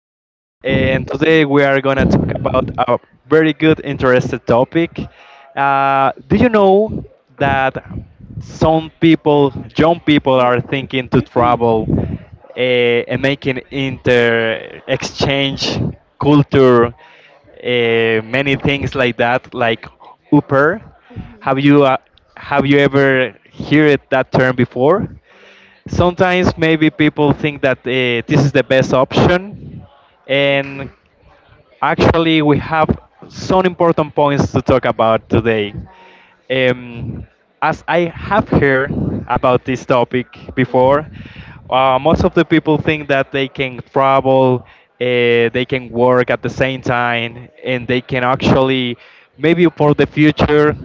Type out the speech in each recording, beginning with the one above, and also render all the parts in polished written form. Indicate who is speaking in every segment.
Speaker 1: William, and today we are going to talk about a very good, interested topic. Do you know that some people, young people, are thinking to travel uh, and making inter exchange culture, many things like that, like Uber? Have you uh, have you ever heard that term before? Sometimes maybe people think that this is the best option. And actually, we have some important points to talk about today. Um, as I have heard about this topic before, most of the people think that they can travel, they can work at the same time, and they can actually, maybe for the future,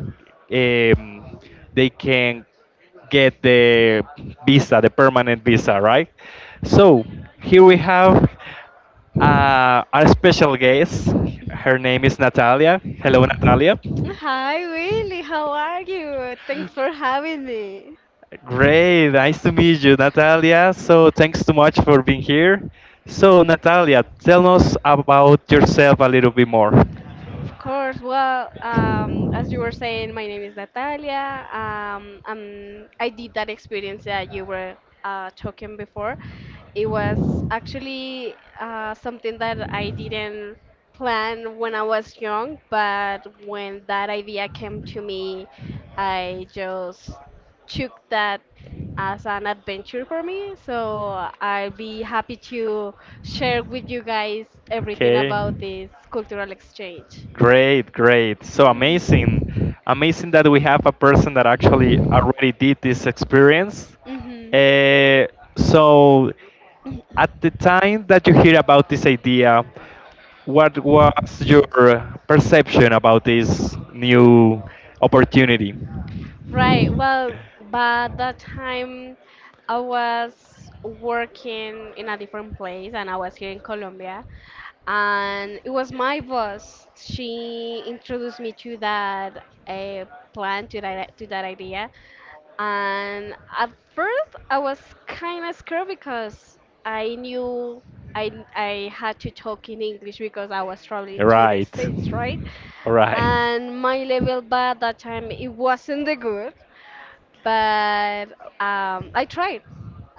Speaker 1: um, they can get the visa, the permanent visa, right? So here we have. Our special guest, her name is Natalia. Hello, Natalia.
Speaker 2: Hi, Willie. How are you? Thanks for having me.
Speaker 1: Great, nice to meet you, Natalia. So, thanks so much for being here. So, Natalia, tell us about yourself a little bit more.
Speaker 2: Of course. Well, as you were saying, my name is Natalia. I did that experience that you were talking before. It was actually something that I didn't plan when I was young, but when that idea came to me, I just took that as an adventure for me. So I'll be happy to share with you guys everything
Speaker 1: Okay.
Speaker 2: about this cultural exchange.
Speaker 1: Great, great. So amazing. Amazing that we have a person that actually already did this experience.
Speaker 2: Mm-hmm.
Speaker 1: Uh, so, at the time that you hear about this idea, what was your perception about this new opportunity?
Speaker 2: Right. Well, by that time, I was working in a different place, and I was here in Colombia, and it was my boss. She introduced me to that plan, to that idea. And at first, I was kind of scared because I knew I had to talk in English because I was traveling to the
Speaker 1: Right.
Speaker 2: States, right?
Speaker 1: All right.
Speaker 2: And my level by that time, it wasn't the good, but I tried.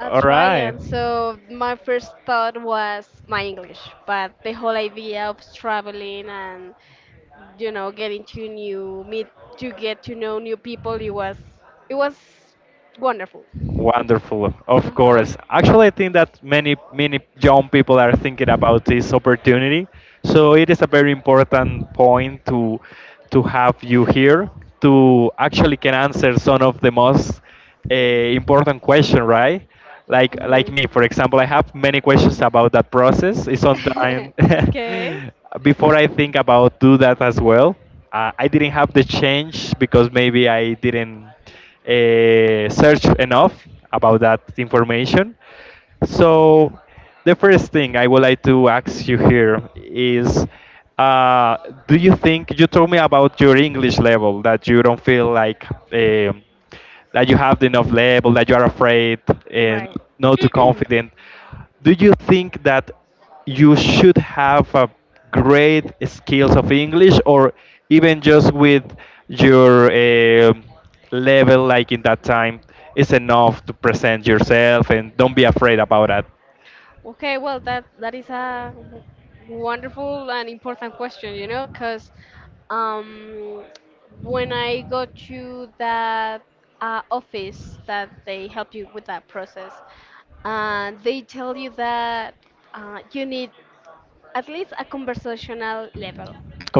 Speaker 2: I
Speaker 1: All
Speaker 2: tried,
Speaker 1: right.
Speaker 2: and so my first thought was my English. But the whole idea of traveling and getting to new meet to get to know new people, it was wonderful.
Speaker 1: Wonderful,
Speaker 2: Uh
Speaker 1: of
Speaker 2: huh.
Speaker 1: course. Actually, I think that many, many young people are thinking about this opportunity. So it is a very important point to have you here to actually can answer some of the most uh, important question, right? Like me, for example, I have many questions about that process. It's sometimes
Speaker 2: Okay.
Speaker 1: before I think about do that as well, I didn't have the change because maybe I didn't search enough about that information. So, the first thing I would like to ask you here is, uh, do you think — you told me about your English level that you don't feel like that you have enough level, that you are afraid and
Speaker 2: Right.
Speaker 1: not too confident? Do you think that you should have a great skills of English or even just with your level like in that time is enough to present yourself and don't be afraid about that?
Speaker 2: Okay, well that is a wonderful and important question, you know, because um, when I go to that office that they help you with that process, they tell you that you need at least a conversational level,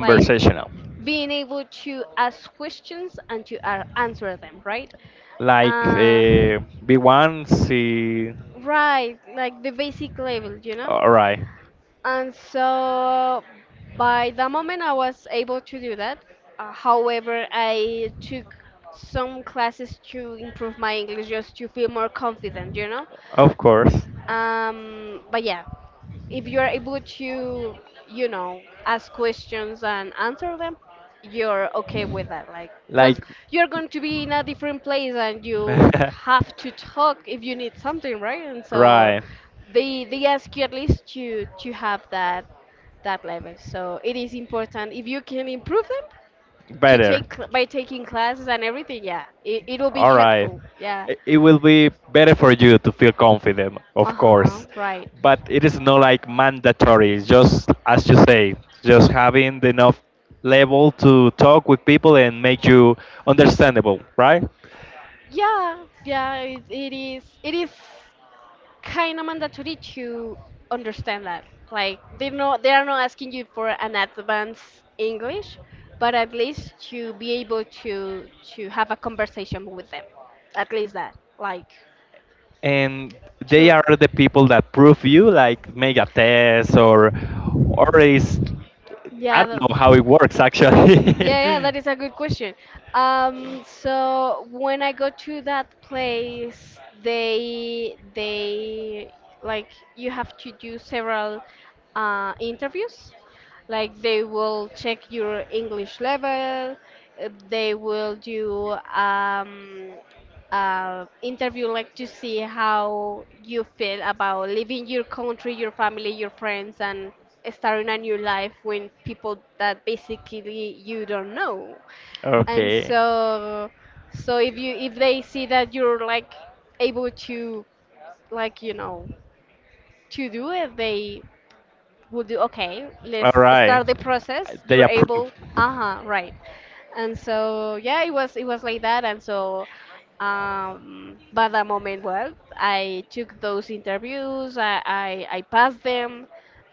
Speaker 2: like being able to ask questions and to answer them, right?
Speaker 1: like,
Speaker 2: Uh,
Speaker 1: B1 c.
Speaker 2: right, like the basic level, you know?
Speaker 1: All right.
Speaker 2: And so by the moment I was able to do that. However, I took some classes to improve my English just to feel more confident, you know?
Speaker 1: Of course.
Speaker 2: But yeah, if you are able to, you know, ask questions and answer them, you're okay with that. Like, because
Speaker 1: Like,
Speaker 2: you're going to be in a different place and you have to talk if you need something, right? And so
Speaker 1: right.
Speaker 2: they ask you at least to have that level. So it is important if you can improve them to
Speaker 1: Better.
Speaker 2: by taking classes and everything. Yeah, it will be
Speaker 1: All right.
Speaker 2: helpful. Yeah.
Speaker 1: It will be better for you to feel confident, of
Speaker 2: Uh huh.
Speaker 1: course.
Speaker 2: Right.
Speaker 1: But it is not like mandatory. It's just, as you say, just having the enough level to talk with people and make you understandable, right?
Speaker 2: Yeah. Yeah. It is. It is kind of mandatory to understand that. Like they know they are not asking you for an advanced English, but at least to be able to have a conversation with them. At least that. Like
Speaker 1: And they
Speaker 2: to
Speaker 1: are the people that prove you, like make a test, or is, I
Speaker 2: yeah,
Speaker 1: don't know how it works
Speaker 2: yeah,
Speaker 1: actually.
Speaker 2: yeah, that is a good question. So when I go to that place, they like you have to do several interviews. Like they will check your English level. They will do interview like to see how you feel about leaving your country, your family, your friends, and starting a new life with people that basically you don't know. And
Speaker 1: Okay.
Speaker 2: so, so if you if they see that you're like able to, like you know, to do it, they would do okay
Speaker 1: All
Speaker 2: let's
Speaker 1: right.
Speaker 2: start the process
Speaker 1: They
Speaker 2: you're
Speaker 1: approve.
Speaker 2: able uh-huh right. And so yeah it was like that. And so by the moment, well, I took those interviews, I passed them.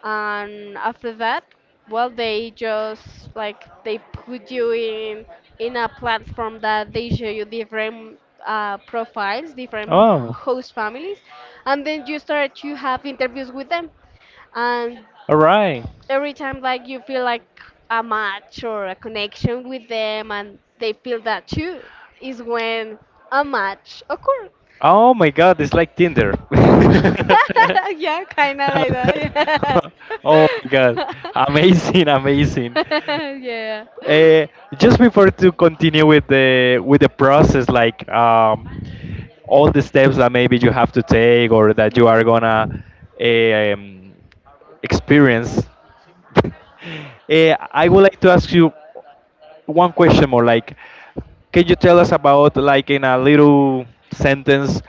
Speaker 2: And after that, well, they just like they put you in a platform that they show you different profiles, different
Speaker 1: Oh,
Speaker 2: host families, and then you start to have interviews with them. And
Speaker 1: all right.
Speaker 2: every time like you feel like a match or a connection with them and they feel that too is when a match occurs.
Speaker 1: Oh my God, it's like Tinder.
Speaker 2: Yeah, kind of like that.
Speaker 1: Oh my God, amazing, amazing.
Speaker 2: Yeah. Yeah.
Speaker 1: Uh, just before to continue with the process, like, all the steps that maybe you have to take or that you are
Speaker 2: Mhm.
Speaker 1: gonna eh, um, experience. I would like to ask you one question more. Like, can you tell us about, like, in a little sentence,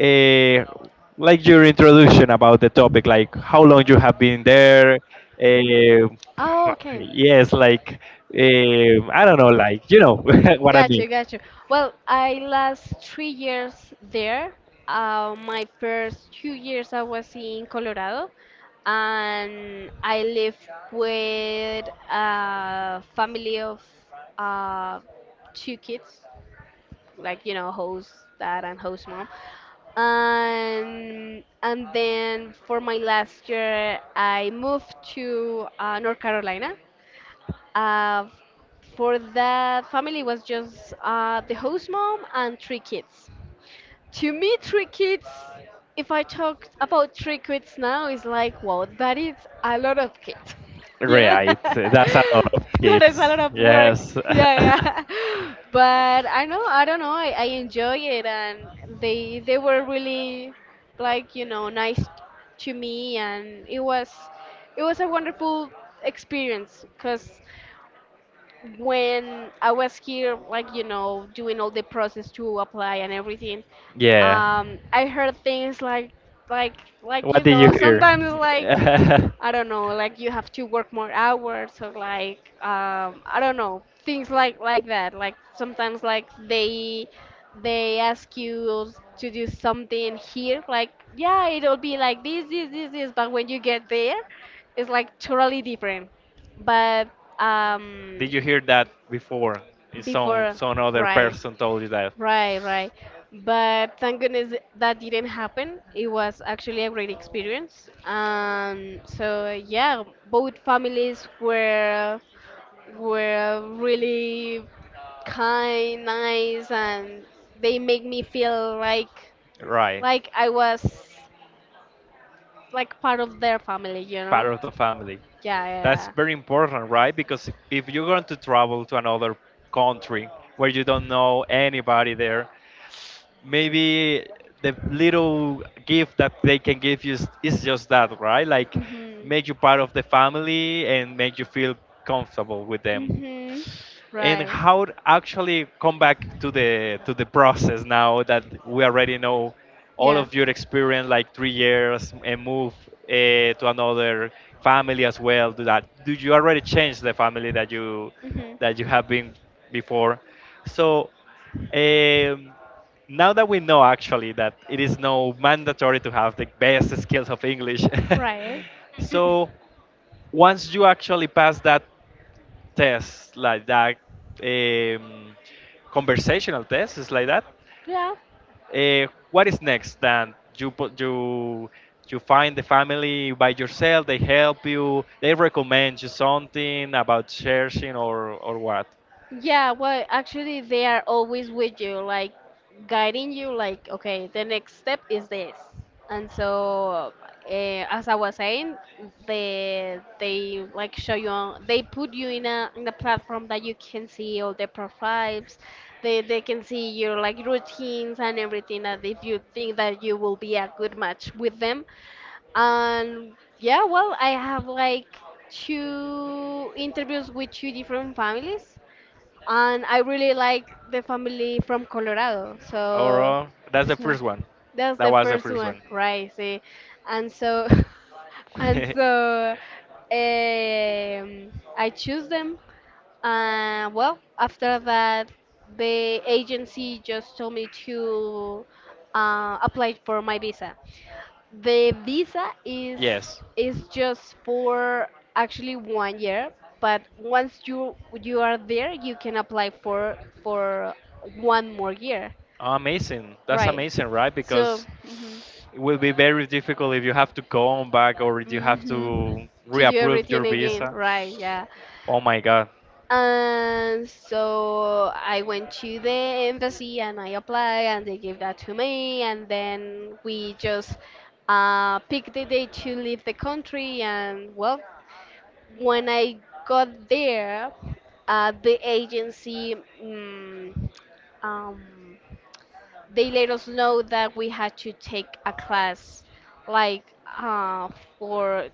Speaker 1: uh, like your introduction about the topic, like how long you have been there. Uh,
Speaker 2: Oh okay.
Speaker 1: yes, like, I don't know, like you know what I
Speaker 2: Got
Speaker 1: mean.
Speaker 2: you, got you. Well, I last 3 years there. My first 2 years I was in Colorado, and I lived with a family of uh, two kids, like you know, host dad and host mom. And then for my last year, I moved to North Carolina. uh, for that family was just the host mom and three kids. To me, three kids, if I talk about three kids now, is like, wow, that is a lot of kids. You know?
Speaker 1: Right, that's a lot
Speaker 2: That
Speaker 1: of
Speaker 2: is a
Speaker 1: kids.
Speaker 2: lot of work.
Speaker 1: Yes,
Speaker 2: Yeah, yeah. But I know, I don't know, I enjoy it. And they were really like, you know, nice to me and it was a wonderful experience. Because when I was here, like, you know, doing all the process to apply and everything,
Speaker 1: yeah.
Speaker 2: I heard things like, like,
Speaker 1: What
Speaker 2: you
Speaker 1: did you
Speaker 2: know,
Speaker 1: hear?
Speaker 2: sometimes like, I don't know, like you have to work more hours or like, I don't know, things like that. Like sometimes like they ask you to do something here, like, yeah, it'll be like this, but when you get there, it's like totally different. But, um,
Speaker 1: Did you hear that before? Is Some
Speaker 2: before,
Speaker 1: some other
Speaker 2: right,
Speaker 1: person told you that.
Speaker 2: right, right. But thank goodness that didn't happen. It was actually a great experience. So yeah, both families were really kind, nice, and they make me feel
Speaker 1: Right.
Speaker 2: like I was like part of their family, you
Speaker 1: Part
Speaker 2: know?
Speaker 1: of the family.
Speaker 2: Yeah,
Speaker 1: That's
Speaker 2: yeah. Yeah.
Speaker 1: very important, right? Because if you're going to travel to another country where you don't know anybody there, maybe the little gift that they can give you is just that, right? Like,
Speaker 2: Mhm.
Speaker 1: make you part of the family and make you feel comfortable with them.
Speaker 2: Mhm.
Speaker 1: And
Speaker 2: Right.
Speaker 1: how to actually come back to the process now that we already know all
Speaker 2: Yeah.
Speaker 1: of your experience, like 3 years, and move to another family as well. Do that. Do you already change the family that you have been before? So,
Speaker 2: Mhm
Speaker 1: um, now that we know actually that it is no mandatory to have the best skills of English,
Speaker 2: of
Speaker 1: so once you actually pass that tests like that, um, conversational tests like that.
Speaker 2: yeah.
Speaker 1: What is next? Then you put you find the family by yourself. They help you. They recommend you something about searching or what?
Speaker 2: Yeah, well, actually, they are always with you, like guiding you, like, okay, the next step is this. And so, as I was saying, they like show you on, they put you in a platform that you can see all the profiles. They can see your like routines and everything. And if you think that you will be a good match with them, and yeah, well, I have like two interviews with two different families and I really like the family from Colorado. So,
Speaker 1: Overall, that's the
Speaker 2: so
Speaker 1: first one.
Speaker 2: that's
Speaker 1: That
Speaker 2: the
Speaker 1: was the
Speaker 2: first
Speaker 1: first
Speaker 2: one,
Speaker 1: one.
Speaker 2: right? See, and so and so um, I choose them. Well, after that, the agency just told me to apply for my visa. The visa is
Speaker 1: Yes.
Speaker 2: is just for actually 1 year, but once you you are there, you can apply for one more year,
Speaker 1: Amazing. That's
Speaker 2: right?
Speaker 1: amazing, right?
Speaker 2: So,
Speaker 1: Because
Speaker 2: mhm,
Speaker 1: it will be very difficult if you have to go on back or if you have
Speaker 2: mhm,
Speaker 1: to
Speaker 2: to do
Speaker 1: reapprove your
Speaker 2: everything again,
Speaker 1: visa.
Speaker 2: right? Yeah.
Speaker 1: Oh my God.
Speaker 2: And so I went to the embassy and I applied, and they gave that to me, and then we just picked the day to leave the country, and well, when I got there, the agency mm, um, they let us know that we had to take a class, like uh, for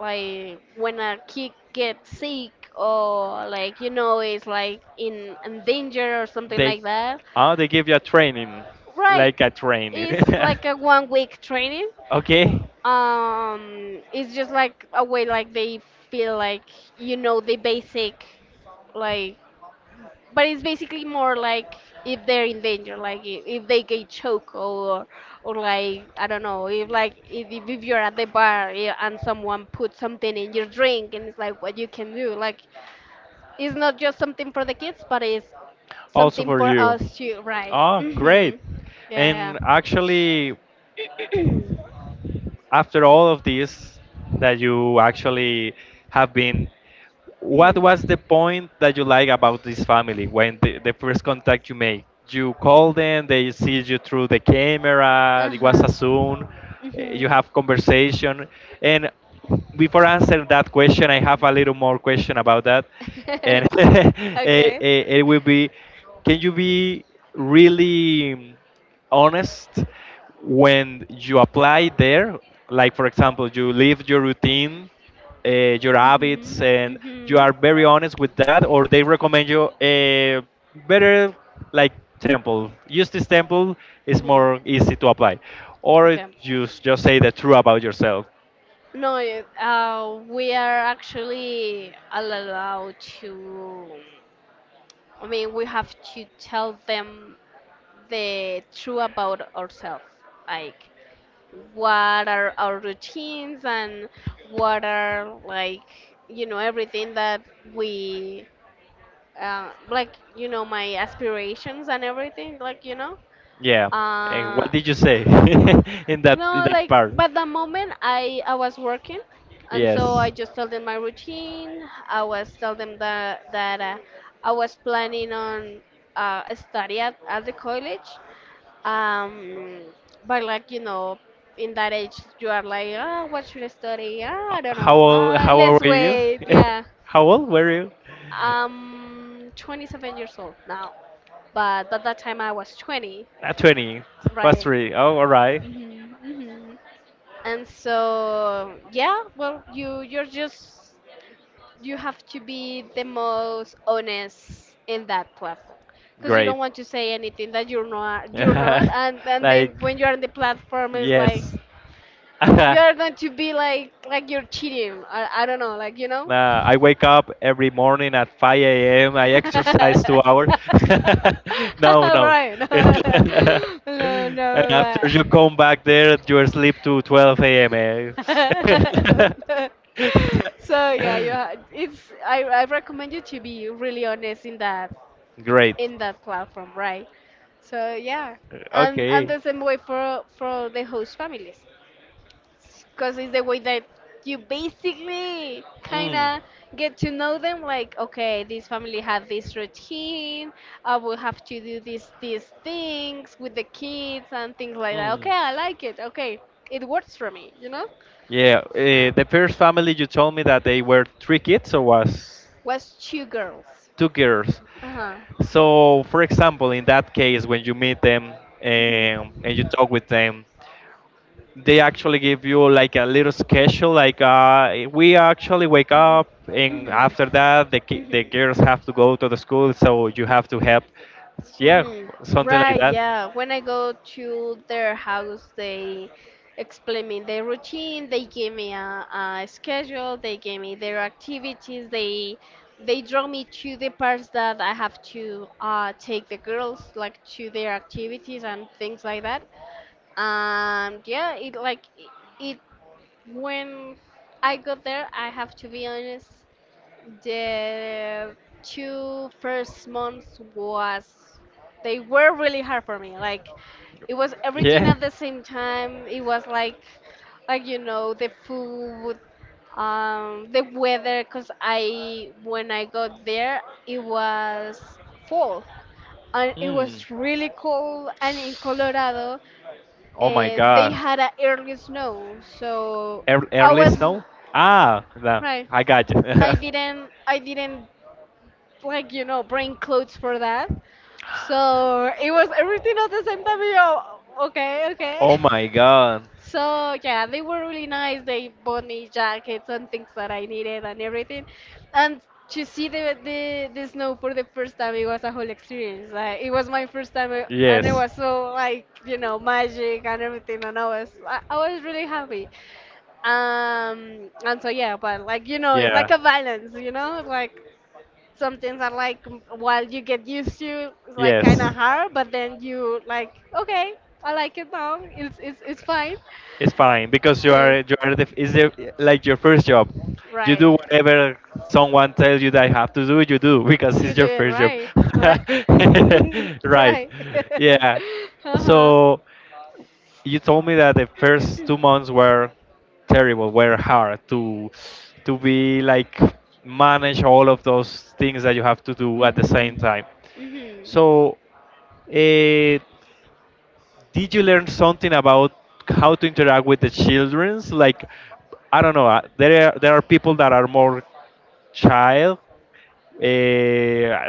Speaker 2: like when a kid gets sick or like you know is like in danger or something
Speaker 1: They
Speaker 2: like that.
Speaker 1: oh they give you a training,
Speaker 2: Right,
Speaker 1: like a training.
Speaker 2: it's like a 1 week training.
Speaker 1: Okay,
Speaker 2: It's just like a way like they feel like you know the basic, like, but it's basically more like if they're in danger, like if they get choked or like I don't know, if like if you're at the bar yeah, and someone puts something in your drink and it's like what you can do, like it's not just something for the kids, but it's
Speaker 1: also
Speaker 2: something
Speaker 1: for
Speaker 2: for
Speaker 1: you.
Speaker 2: us too, right?
Speaker 1: Oh, great.
Speaker 2: Mhm. Yeah.
Speaker 1: And actually, after all of this that you actually have been. What
Speaker 2: Mhm.
Speaker 1: was the point that you like about this family when the first contact you made? You call them, they see you through the camera,
Speaker 2: Uh
Speaker 1: it was a
Speaker 2: huh.
Speaker 1: Zoom, you
Speaker 2: Mhm.
Speaker 1: have conversation, and before I answer that question, I have a little more question about that, and it,
Speaker 2: Okay.
Speaker 1: it, it will be, can you be really honest when you apply there? Like, for example, you leave your routine, your
Speaker 2: Mhm.
Speaker 1: habits, and you
Speaker 2: Mhm.
Speaker 1: are very honest with that, or they recommend you a better, like, temple. Use this temple; it's
Speaker 2: Mhm.
Speaker 1: more easy to apply, or
Speaker 2: Okay.
Speaker 1: just say the truth about yourself.
Speaker 2: No, it- we are actually allowed to. I mean, we have to tell them the truth about ourselves, like what are our routines and what are like you know everything that we like you know my aspirations and everything like you know.
Speaker 1: Yeah. And
Speaker 2: uh
Speaker 1: what did you say in
Speaker 2: no,
Speaker 1: that
Speaker 2: like,
Speaker 1: part?
Speaker 2: but the moment I was working, and so
Speaker 1: Yes.
Speaker 2: I just told them my routine. I was told them that I was planning on study at the college. Um, but like you know, in that age, you are like, ah, what should I study? Ah, I don't
Speaker 1: How
Speaker 2: know.
Speaker 1: old
Speaker 2: Ah,
Speaker 1: how
Speaker 2: let's
Speaker 1: old were you?
Speaker 2: wait. Yeah,
Speaker 1: How old were you?
Speaker 2: I'm 27 years old now, but at that time I was 20,
Speaker 1: At 20. Plus
Speaker 2: right?
Speaker 1: three? Oh, all right.
Speaker 2: Mhm. Hmm. And so, yeah, well, you you're just you have to be the most honest in that platform, because you
Speaker 1: Great.
Speaker 2: don't want to say anything that you're not you're not. And and
Speaker 1: Like,
Speaker 2: then when you're on the platform it's like
Speaker 1: yes.
Speaker 2: you are going to be like you're cheating. I don't know, like you know.
Speaker 1: I wake up every morning at 5 a.m. I exercise 2 hours. No, no.
Speaker 2: Right. No,
Speaker 1: And
Speaker 2: no,
Speaker 1: after
Speaker 2: but
Speaker 1: you come back there, you sleep to 12 a.m. eh?
Speaker 2: so yeah, you ha it's I recommend you to be really honest
Speaker 1: Great.
Speaker 2: in that platform, right? So yeah, and
Speaker 1: Okay.
Speaker 2: the same way for the host families because it's the way that you basically kind
Speaker 1: Mm,
Speaker 2: of get to know them, like okay this family have this routine, I will have to do these things with the kids and things like that.
Speaker 1: mm.
Speaker 2: Okay, I like it. Okay, it works for me, you know.
Speaker 1: Yeah.
Speaker 2: So
Speaker 1: The first family you told me that they were three kids or was
Speaker 2: was two girls.
Speaker 1: two girls?
Speaker 2: Uh-huh.
Speaker 1: So, for example, in that case, when you meet them, and you
Speaker 2: Hmm.
Speaker 1: talk with them, they actually give you like a little schedule. Like, we actually wake up,
Speaker 2: Hmm.
Speaker 1: and after that, the ki-
Speaker 2: Hmm.
Speaker 1: the girls have to go to the school, so you have to help. Yeah,
Speaker 2: Hmm.
Speaker 1: something like
Speaker 2: Right,
Speaker 1: that.
Speaker 2: yeah. When I go to their house, they explain me their routine, they give me a schedule, they give me their activities, they draw me to the parts that I have to take the girls like to their activities and things like that. Yeah, it like it when I got there, I have to be honest. The two first months was, they were really hard for me. Like it was everything
Speaker 1: Yeah.
Speaker 2: at the same time. It was like the food, the weather. Cause I when I got there it was fall, and it
Speaker 1: Mm.
Speaker 2: was really cold. And in Colorado,
Speaker 1: Oh my
Speaker 2: they
Speaker 1: God.
Speaker 2: had a early snow, so I
Speaker 1: Early
Speaker 2: was
Speaker 1: snow? Ah, no,
Speaker 2: right.
Speaker 1: I got you.
Speaker 2: I didn't bring clothes for that. So it was everything at the same time. Okay, okay.
Speaker 1: Oh my god.
Speaker 2: So yeah, they were really nice. They bought me jackets and things that I needed and everything. And to see the snow for the first time, it was a whole experience. Like it was my first time, and it
Speaker 1: Yes.
Speaker 2: was so magic and everything. And I was really happy. And so yeah, but it's like
Speaker 1: Yeah.
Speaker 2: a balance. Like some things are like while you get used to, it's like kind
Speaker 1: Yes.
Speaker 2: of hard, but then you like okay, I like it now, it's fine,
Speaker 1: It's fine because you
Speaker 2: so,
Speaker 1: are you are the, is the, like, your first job. You
Speaker 2: right.
Speaker 1: do whatever someone tells you that you have to do. You do because
Speaker 2: You
Speaker 1: it's
Speaker 2: do
Speaker 1: your
Speaker 2: it,
Speaker 1: first job.
Speaker 2: right, right.
Speaker 1: Right?
Speaker 2: Right.
Speaker 1: Yeah.
Speaker 2: Uh-huh.
Speaker 1: So you told me that the first 2 months were terrible, were hard to be like manage all of those things that you have to do at the
Speaker 2: Hmm.
Speaker 1: same time.
Speaker 2: Hmm.
Speaker 1: So, uh, did you learn something about how to interact with the childrens? Like, I don't know. There are people that are more child. Uh,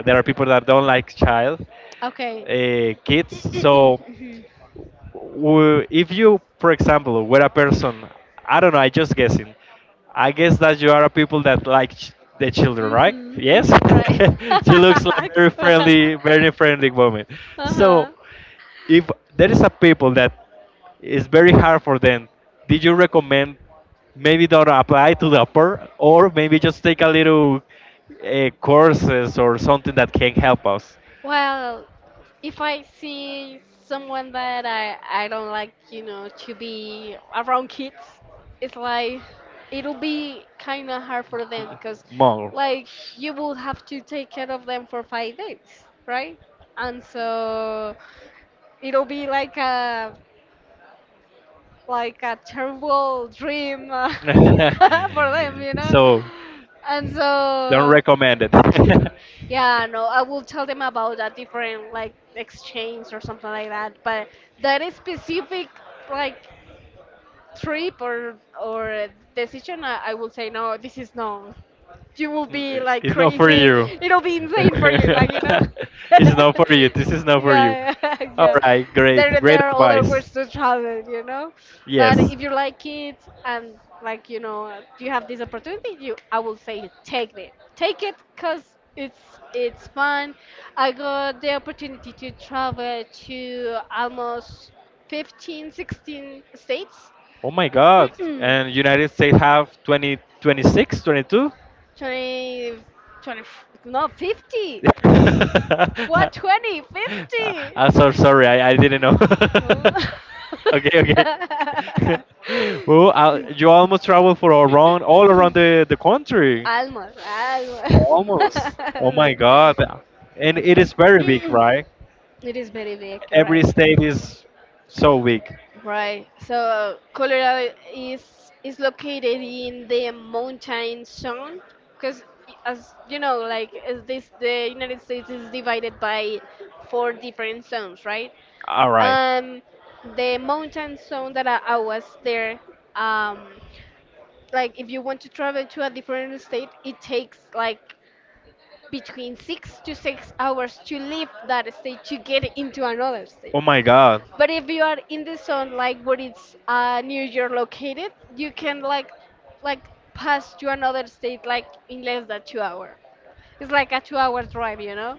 Speaker 1: there are people that don't like child
Speaker 2: Okay.
Speaker 1: kids. So if you, for example, were a person, I don't know, I just guessing. I guess that you are a people that like the children, right?
Speaker 2: Mhm.
Speaker 1: Yes,
Speaker 2: Mhm. Mhm. Right.
Speaker 1: she looks like very friendly woman. So,
Speaker 2: Uh-huh.
Speaker 1: if there is a people that is very hard for them, did you recommend maybe don't apply to the upper, or maybe just take a little courses or something that can help us
Speaker 2: Well, if I see someone that I don't like, to be around kids, it's like it'll be kind of hard for them because,
Speaker 1: more?
Speaker 2: like, you will have to take care of them for 5 days, right? And so, it'll be like a terrible dream, for them.
Speaker 1: So.
Speaker 2: And
Speaker 1: Don't
Speaker 2: so,
Speaker 1: recommend it.
Speaker 2: yeah, no, I will tell them about a different, like, exchange or something like that. But that is specific, like, trip or decision. I will say no. This is no. You will be like
Speaker 1: It's not for
Speaker 2: crazy.
Speaker 1: you.
Speaker 2: It'll be insane for you, like.
Speaker 1: It's not for you. This is not for you.
Speaker 2: Yeah, yeah,
Speaker 1: All
Speaker 2: yeah.
Speaker 1: right, great,
Speaker 2: There,
Speaker 1: great
Speaker 2: there are other
Speaker 1: advice.
Speaker 2: ways to travel. But
Speaker 1: Yes.
Speaker 2: if you like kids and you have this opportunity, you I will say take it, cause it's fun. I got the opportunity to travel to almost 15, 16
Speaker 1: Oh my God.
Speaker 2: states.
Speaker 1: And United States have 20, 26, 22.
Speaker 2: 20, 20, 20, no, 50.
Speaker 1: 26, 22?
Speaker 2: What, 20, 50?
Speaker 1: I'm so sorry. I didn't know.
Speaker 2: 50? Oh.
Speaker 1: Okay, okay. Well, you almost travel for around all around the country.
Speaker 2: Almost, almost.
Speaker 1: Almost. Oh my God. And it is very big, right?
Speaker 2: It is very big,
Speaker 1: Every
Speaker 2: right?
Speaker 1: state is so big.
Speaker 2: Right. So Colorado is located in the mountain zone because, as you know, like is this the United States is divided by four different zones, right?
Speaker 1: All right.
Speaker 2: Um, the mountain zone that I was there, um, like if you want to travel to a different state, it takes like between 6 to 6 hours to leave that state to get into another state.
Speaker 1: Oh my God.
Speaker 2: But if you are in the zone like where it's, New York located, you can like pass to another state like in less than 2 hours. It's like a 2 hour drive, you know?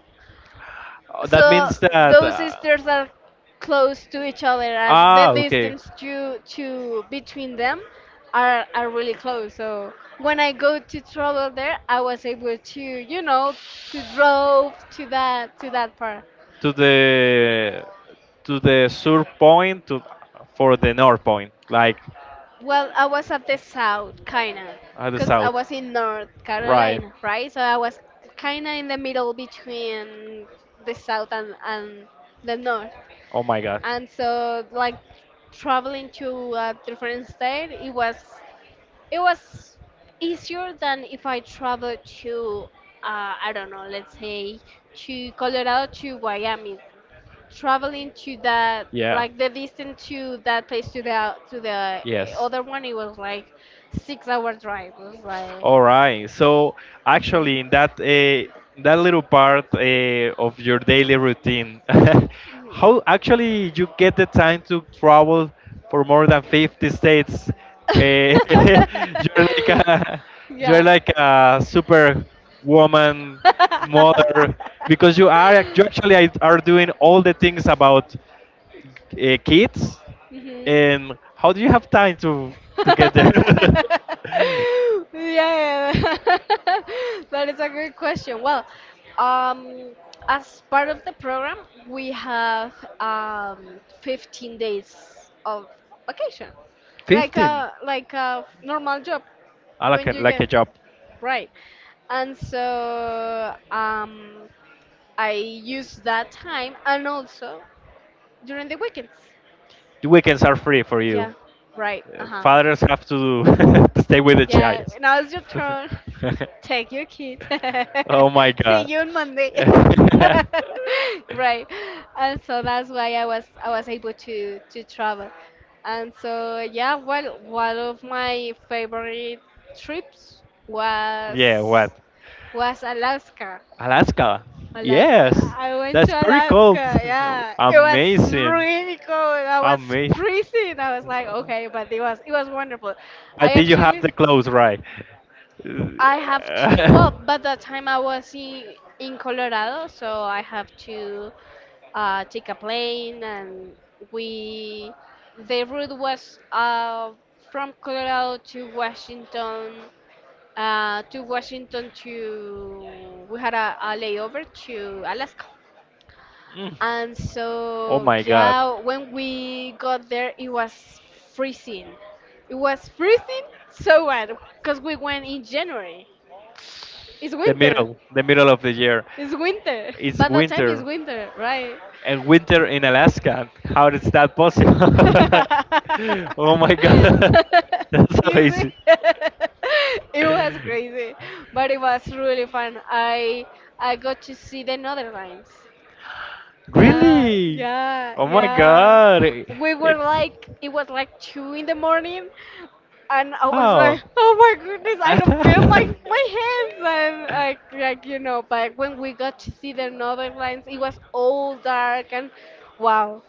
Speaker 1: Oh, that
Speaker 2: So
Speaker 1: means that
Speaker 2: those sisters are close to each other, and the
Speaker 1: okay.
Speaker 2: distance to between them are really close. So when I go to travel there, I was able to, to drove to that part.
Speaker 1: To the to the sur point to for the north point, like
Speaker 2: Well, I was at the south, kinda,
Speaker 1: at the
Speaker 2: because I
Speaker 1: south,
Speaker 2: was in North
Speaker 1: right.
Speaker 2: Carolina, right? So I was kinda in the middle between the south and the north.
Speaker 1: Oh my god,
Speaker 2: And so, like, traveling to a different state, it was it was easier than if I traveled to, I don't know, let's say to Colorado to Wyoming, traveling to that,
Speaker 1: yeah.
Speaker 2: like the distance to that place, to the
Speaker 1: Yes.
Speaker 2: other one, it was like 6 hour drive. It was like.
Speaker 1: All right. So actually, in that that little part of your daily routine,
Speaker 2: Mhm.
Speaker 1: how actually you get the time to travel for more than 50 states?
Speaker 2: Mhm.
Speaker 1: Uh, you're like a you're
Speaker 2: Yeah.
Speaker 1: like a super woman mother because you actually are doing all the things about kids.
Speaker 2: Mhm.
Speaker 1: And how do you have time to get there?
Speaker 2: Yeah, that is a great question. Well, um, as part of the program, we have, 15 days of vacation, like
Speaker 1: 15.
Speaker 2: a normal job
Speaker 1: I
Speaker 2: when you
Speaker 1: like
Speaker 2: get,
Speaker 1: a job.
Speaker 2: right. And so, I use that time, and also during the weekends.
Speaker 1: The weekends are free for you.
Speaker 2: Yeah, right. Uh huh.
Speaker 1: Fathers have to, to stay with the
Speaker 2: Yeah,
Speaker 1: child.
Speaker 2: now it's your turn. Take your kids.
Speaker 1: Oh my
Speaker 2: See
Speaker 1: god.
Speaker 2: you on Monday. Right. And so that's why I was able to travel. And so yeah, well, one of my favorite trips was
Speaker 1: Yeah, what?
Speaker 2: was Alaska.
Speaker 1: Alaska.
Speaker 2: Alaska.
Speaker 1: Yes.
Speaker 2: I went to
Speaker 1: That's very cold.
Speaker 2: Alaska. Yeah, it was
Speaker 1: Amazing.
Speaker 2: really cold. I was
Speaker 1: Amazing.
Speaker 2: freezing. I was like, okay, but it was wonderful.
Speaker 1: But
Speaker 2: I
Speaker 1: did you have
Speaker 2: actually,
Speaker 1: the clothes right?
Speaker 2: I have to, well, by the time I was in Colorado, so I have to, take a plane. And we, the route was, from Colorado to Washington, to Washington to, we had a layover to Alaska.
Speaker 1: Mm.
Speaker 2: And
Speaker 1: Oh
Speaker 2: so,
Speaker 1: my god.
Speaker 2: yeah, when we got there, it was freezing. It was freezing so bad, because we went in January. It's
Speaker 1: The
Speaker 2: winter.
Speaker 1: middle, the middle of the year.
Speaker 2: It's winter.
Speaker 1: It's
Speaker 2: By that time, it's
Speaker 1: winter,
Speaker 2: winter, right?
Speaker 1: and winter in Alaska. How is that possible? Oh my god, that's
Speaker 2: You see,
Speaker 1: amazing.
Speaker 2: it was crazy, but it was really fun. I got to see the Netherlands. Yeah,
Speaker 1: Really?
Speaker 2: yeah,
Speaker 1: Oh my
Speaker 2: yeah.
Speaker 1: god. It,
Speaker 2: We were
Speaker 1: it,
Speaker 2: like, it was like 2 in the morning, and I was
Speaker 1: oh.
Speaker 2: like, oh my goodness, I don't feel my hands, and like. But when we got to see the northern lights, it was all dark, and wow,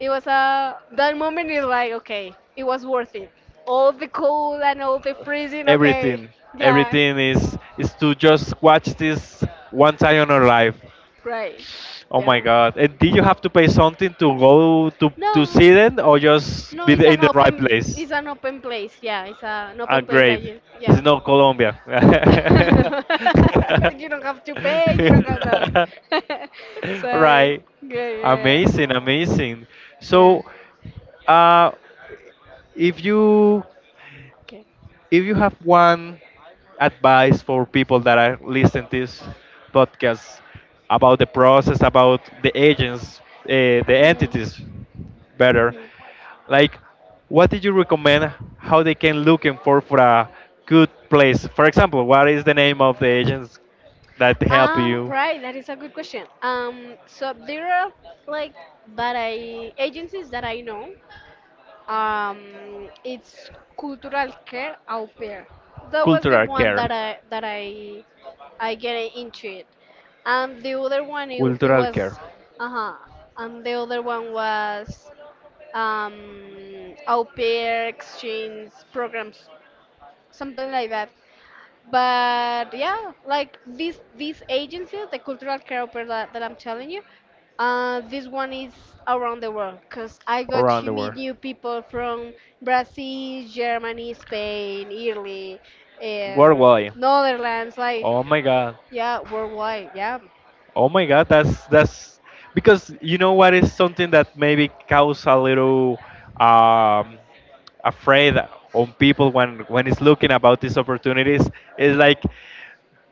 Speaker 2: it was a that moment is like, okay, it was worth it. All the cold and all the freezing, okay,
Speaker 1: everything,
Speaker 2: yeah,
Speaker 1: everything is to just watch this one time in our life.
Speaker 2: right,
Speaker 1: Oh my
Speaker 2: yeah.
Speaker 1: god! And did you have to pay something to go to
Speaker 2: No.
Speaker 1: see them, or just
Speaker 2: No, it's
Speaker 1: in
Speaker 2: an
Speaker 1: the right
Speaker 2: open
Speaker 1: place?
Speaker 2: it's an open place. Yeah, it's an
Speaker 1: Ah,
Speaker 2: open place
Speaker 1: great.
Speaker 2: that you,
Speaker 1: It's
Speaker 2: yeah.
Speaker 1: not Colombia.
Speaker 2: No. You don't have to pay. You don't have to. So
Speaker 1: Right.
Speaker 2: yeah, yeah, yeah.
Speaker 1: Amazing, amazing.
Speaker 2: Yeah.
Speaker 1: So, uh, if you
Speaker 2: Okay.
Speaker 1: if you have one advice for people that are listening to this podcast about the process, about the agents, the entities
Speaker 2: Mhm.
Speaker 1: better.
Speaker 2: Mhm.
Speaker 1: Like, what did you recommend? How they can looking for a good place? For example, what is the name of the agents that help
Speaker 2: Ah,
Speaker 1: you?
Speaker 2: right. That is a good question. So there are, like that I agencies that I know. It's Cultural Care Au Pair. That was the
Speaker 1: Cultural
Speaker 2: one that
Speaker 1: care.
Speaker 2: I get into it, and the other one, it, it
Speaker 1: Cultural care.
Speaker 2: was uh huh, and the other one was um au pair exchange programs, something like that. But yeah, like this agency, the Cultural Care operator that I'm telling you, this one is around the world, because I got
Speaker 1: Around
Speaker 2: to
Speaker 1: the
Speaker 2: meet
Speaker 1: world.
Speaker 2: new people from Brazil, Germany, Spain, Italy, uh,
Speaker 1: Worldwide.
Speaker 2: Netherlands, like,
Speaker 1: Oh my God.
Speaker 2: yeah, worldwide, yeah.
Speaker 1: Oh my god, that's because you know what is something that maybe cause a little um, afraid on people when it's looking about these opportunities is like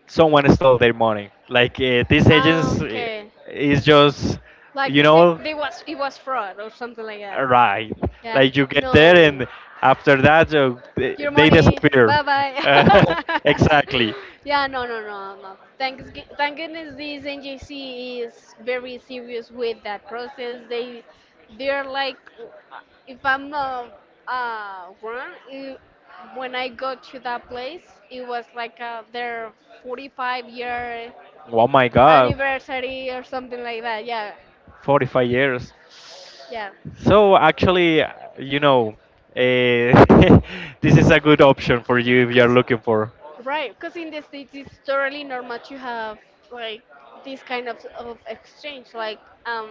Speaker 1: someone stole their money. Like these
Speaker 2: Ah,
Speaker 1: agents
Speaker 2: okay,
Speaker 1: is just
Speaker 2: like
Speaker 1: you
Speaker 2: this, it,
Speaker 1: know
Speaker 2: they was, it was fraud or something like that.
Speaker 1: right.
Speaker 2: Yeah,
Speaker 1: Like you get there
Speaker 2: no.
Speaker 1: and after that
Speaker 2: Your
Speaker 1: they
Speaker 2: money.
Speaker 1: disappear.
Speaker 2: Bye bye.
Speaker 1: Uh, exactly.
Speaker 2: Yeah, no, no, no, no. Thank goodness this NJC is very serious with that process. They're like, if I'm not, wrong, it, when I go to that place, it was like, their 45-year
Speaker 1: Oh my god.
Speaker 2: anniversary or something like that. Yeah,
Speaker 1: 45 years.
Speaker 2: yeah.
Speaker 1: So actually, you know, uh, this is a good option for you if you are
Speaker 2: Cause
Speaker 1: looking for.
Speaker 2: Right, because in the States it's totally normal to have like this kind of exchange, um,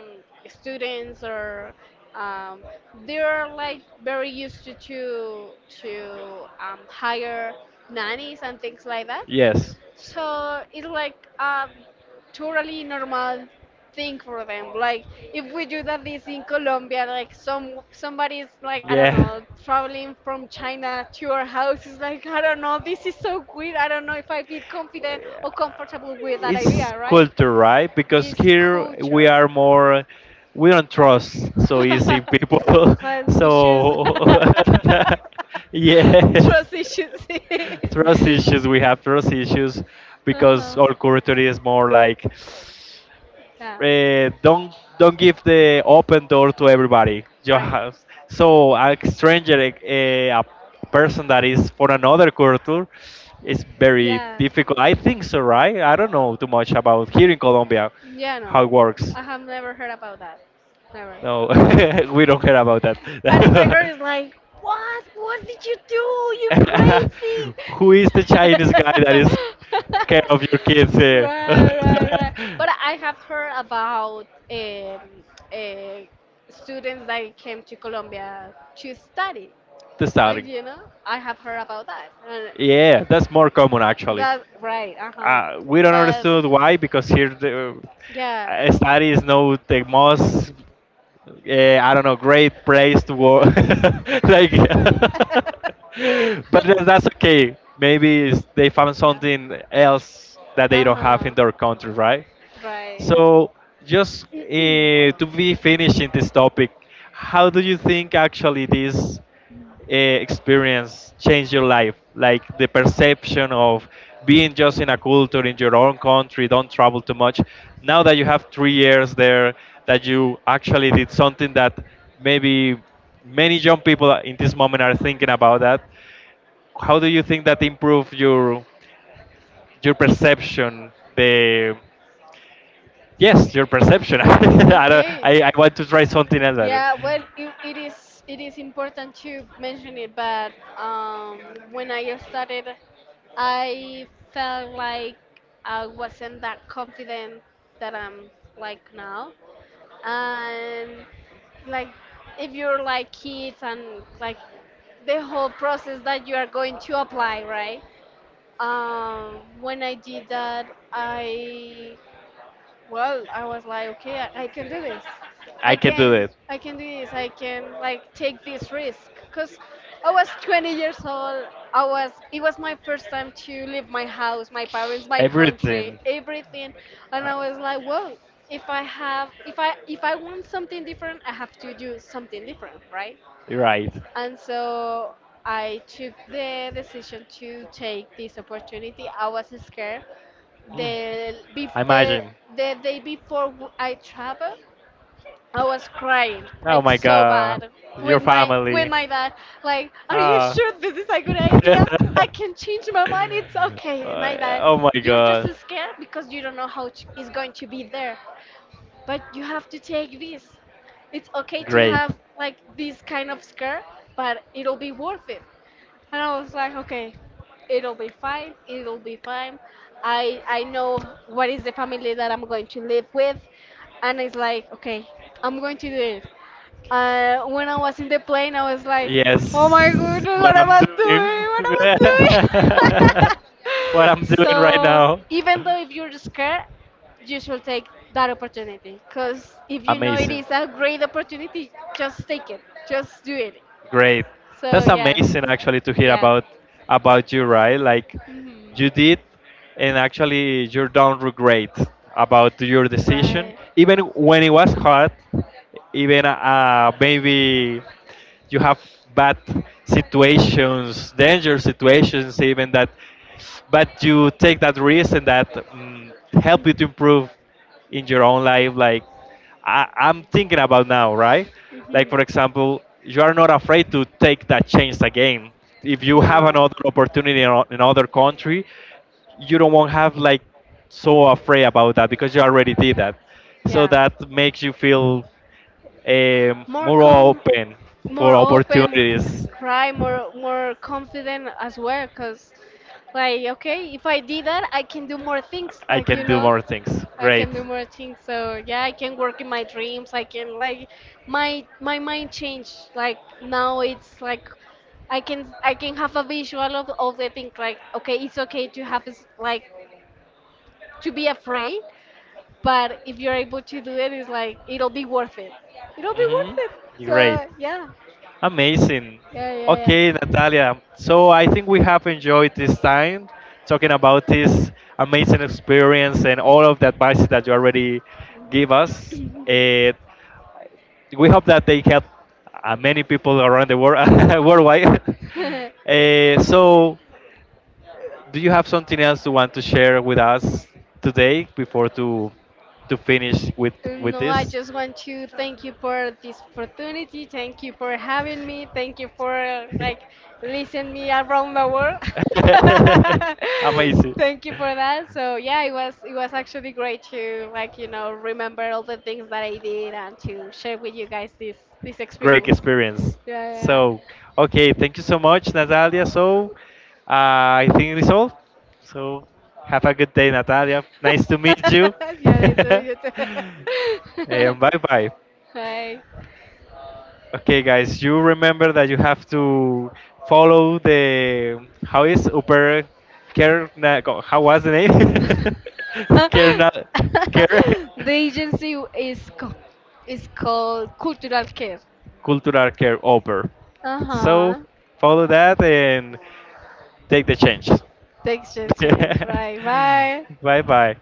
Speaker 2: students or um, they're like very used to hire nannies and things like that.
Speaker 1: Yes.
Speaker 2: So it's like a totally normal thing for them. Like if we do that this in Colombia, like somebody's like, I don't
Speaker 1: Yeah.
Speaker 2: know, traveling from China to our house is like, I don't know, this is so weird. I don't know if I feel confident
Speaker 1: Yeah.
Speaker 2: or comfortable with that
Speaker 1: It's
Speaker 2: idea, right?
Speaker 1: culture, right? Because
Speaker 2: It's
Speaker 1: here we
Speaker 2: culture.
Speaker 1: are more, we don't trust so easy people.
Speaker 2: We had issues.
Speaker 1: So, yes,
Speaker 2: Trust issues.
Speaker 1: trust issues. We have trust issues because
Speaker 2: Uh-huh.
Speaker 1: our culture is more like
Speaker 2: Yeah.
Speaker 1: don't give the open door to everybody your
Speaker 2: Right.
Speaker 1: house so a stranger a person that is for another culture is very
Speaker 2: Yeah.
Speaker 1: difficult. I think so, right? I don't know too much about here in Colombia,
Speaker 2: Yeah,
Speaker 1: how
Speaker 2: no.
Speaker 1: it works.
Speaker 2: I have never heard about that. Never.
Speaker 1: No. We don't care about that.
Speaker 2: And if I heard, it's like, what? What did you do? You crazy!
Speaker 1: Who is the Chinese guy that is care of your kids here?
Speaker 2: Right, right, right. But I have heard about uh, students that came to Colombia to study.
Speaker 1: The
Speaker 2: Like
Speaker 1: starting.
Speaker 2: you know, I have heard about that. And
Speaker 1: Yeah, that's more common actually.
Speaker 2: that, right. Uh huh.
Speaker 1: We don't
Speaker 2: But
Speaker 1: understand why because here the
Speaker 2: yeah.
Speaker 1: study is not the most, I don't know, great place to work. Like, but
Speaker 2: That,
Speaker 1: that's okay. Maybe it's, they found
Speaker 2: yeah.
Speaker 1: something else that they
Speaker 2: Uh
Speaker 1: don't have
Speaker 2: huh.
Speaker 1: in their country, right?
Speaker 2: Right? Right. So.
Speaker 1: So just to be finishing this topic, how do you think actually this? Experience change your life? Like the perception of being just in a culture in your own country, don't travel too much. Now that you have 3 years there, that you actually did something that maybe many young people in this moment are thinking about that. How do you think that improve your perception? The yes, your perception. I, don't,
Speaker 2: Okay.
Speaker 1: I want to try
Speaker 2: Laugh.
Speaker 1: something else.
Speaker 2: Yeah, well, it is important to mention it, but um, when I started, I felt like I wasn't that confident that I'm like now. And like, if you're like kids and like the whole process that you are going to apply, right, when I did that I well, I was like, okay, I can do this.
Speaker 1: I
Speaker 2: i
Speaker 1: can do
Speaker 2: can
Speaker 1: that.
Speaker 2: i can do this. I can, like, take this risk, because I was 20 years old. I was it was my first time to leave my house, my parents, my country,
Speaker 1: Everything.
Speaker 2: everything. And I was like, whoa, if I want something different, I have to do something different, right?
Speaker 1: You're right.
Speaker 2: And so, I took the decision to take this opportunity. I was scared.
Speaker 1: Mm.
Speaker 2: The, be- the,
Speaker 1: Imagine.
Speaker 2: the day before I traveled, I was crying
Speaker 1: Oh
Speaker 2: like
Speaker 1: my
Speaker 2: so
Speaker 1: god.
Speaker 2: bad
Speaker 1: Your
Speaker 2: with my with
Speaker 1: family.
Speaker 2: my dad. Like, are you
Speaker 1: Ah.
Speaker 2: sure this is a good idea? I can change my mind. It's okay, my dad.
Speaker 1: Oh my
Speaker 2: You're just
Speaker 1: god.
Speaker 2: scared because you don't know how it's going to be there, but you have to take this. It's okay to
Speaker 1: Great.
Speaker 2: have like this kind of scare, but it'll be worth it. And I was like, okay, it'll be fine. It'll be fine. I know what is the family that I'm going to live with. And it's like, okay, I'm going to do it. When I was in the plane, I was like, oh
Speaker 1: Yes,
Speaker 2: my goodness,
Speaker 1: what
Speaker 2: what am
Speaker 1: I'm
Speaker 2: I
Speaker 1: doing,
Speaker 2: doing? What am I
Speaker 1: what I'm
Speaker 2: doing?
Speaker 1: doing right
Speaker 2: So,
Speaker 1: now.
Speaker 2: even though if you're scared, you should take that opportunity. Because if you know it
Speaker 1: Amazing,
Speaker 2: is a great opportunity, just take it, just do it.
Speaker 1: great.
Speaker 2: So,
Speaker 1: That's
Speaker 2: yeah,
Speaker 1: amazing actually to hear
Speaker 2: yeah.
Speaker 1: about you, right? Like
Speaker 2: Hmm.
Speaker 1: you did, and actually you don't regret about your decision,
Speaker 2: Right.
Speaker 1: even when it was hard, even maybe you have bad situations, dangerous situations, even that. But you take that risk, and that mm help you to
Speaker 2: Mhm.
Speaker 1: improve in your own life. Like I, I'm thinking about now, right? Like
Speaker 2: Mhm.
Speaker 1: for example, you are not afraid to take that chance again. If you have
Speaker 2: No.
Speaker 1: another opportunity in in another country, you don't want to have like so afraid about that because you already did that, so
Speaker 2: Yeah.
Speaker 1: that makes you feel
Speaker 2: More
Speaker 1: more
Speaker 2: com,
Speaker 1: open
Speaker 2: More
Speaker 1: for
Speaker 2: open,
Speaker 1: opportunities.
Speaker 2: cry, more confident as well. Cause, like, okay, if I did that, I can do more things.
Speaker 1: I can do more things.
Speaker 2: I
Speaker 1: Great.
Speaker 2: can do more things. So yeah, I can work in my dreams. I can, like, my mind changed. Like now it's like I can have a visual of the thing. Like, okay, it's okay to have like, to be afraid. But if you're able to do it, it's like it'll be worth it. It'll be
Speaker 1: Hmm.
Speaker 2: worth it.
Speaker 1: Great.
Speaker 2: So yeah,
Speaker 1: Amazing.
Speaker 2: yeah, yeah,
Speaker 1: Okay, Natalia. So I think we have enjoyed this time talking about this amazing experience and all of the advices that you already give us. Eh, we hope that they help many people around the world, worldwide.
Speaker 2: yeah.
Speaker 1: So, do you have something else you want to share with us today before to finish with
Speaker 2: No, I
Speaker 1: this?
Speaker 2: just want to thank you for this opportunity. Thank you for having me. Thank you for, like, listening me around the world.
Speaker 1: Amazing.
Speaker 2: Thank you for that. So yeah, it was actually great to remember all the things that I did and to share with you guys this
Speaker 1: Great
Speaker 2: experience.
Speaker 1: experience.
Speaker 2: Yeah,
Speaker 1: So, okay, thank you so much, Natalia. So, I think it is all. So, have a good day, Natalia. Nice to meet
Speaker 2: yeah.
Speaker 1: you.
Speaker 2: Yeah, nice to meet you too.
Speaker 1: And bye bye.
Speaker 2: Bye.
Speaker 1: Okay, guys, you remember that you have to follow the how is Uber Care? How was the name? Care na, care
Speaker 2: The agency is called Cultural Care.
Speaker 1: cultural care Uber.
Speaker 2: Uh
Speaker 1: So
Speaker 2: huh.
Speaker 1: follow that and take the change.
Speaker 2: The exchange, right? Bye.
Speaker 1: Bye, bye.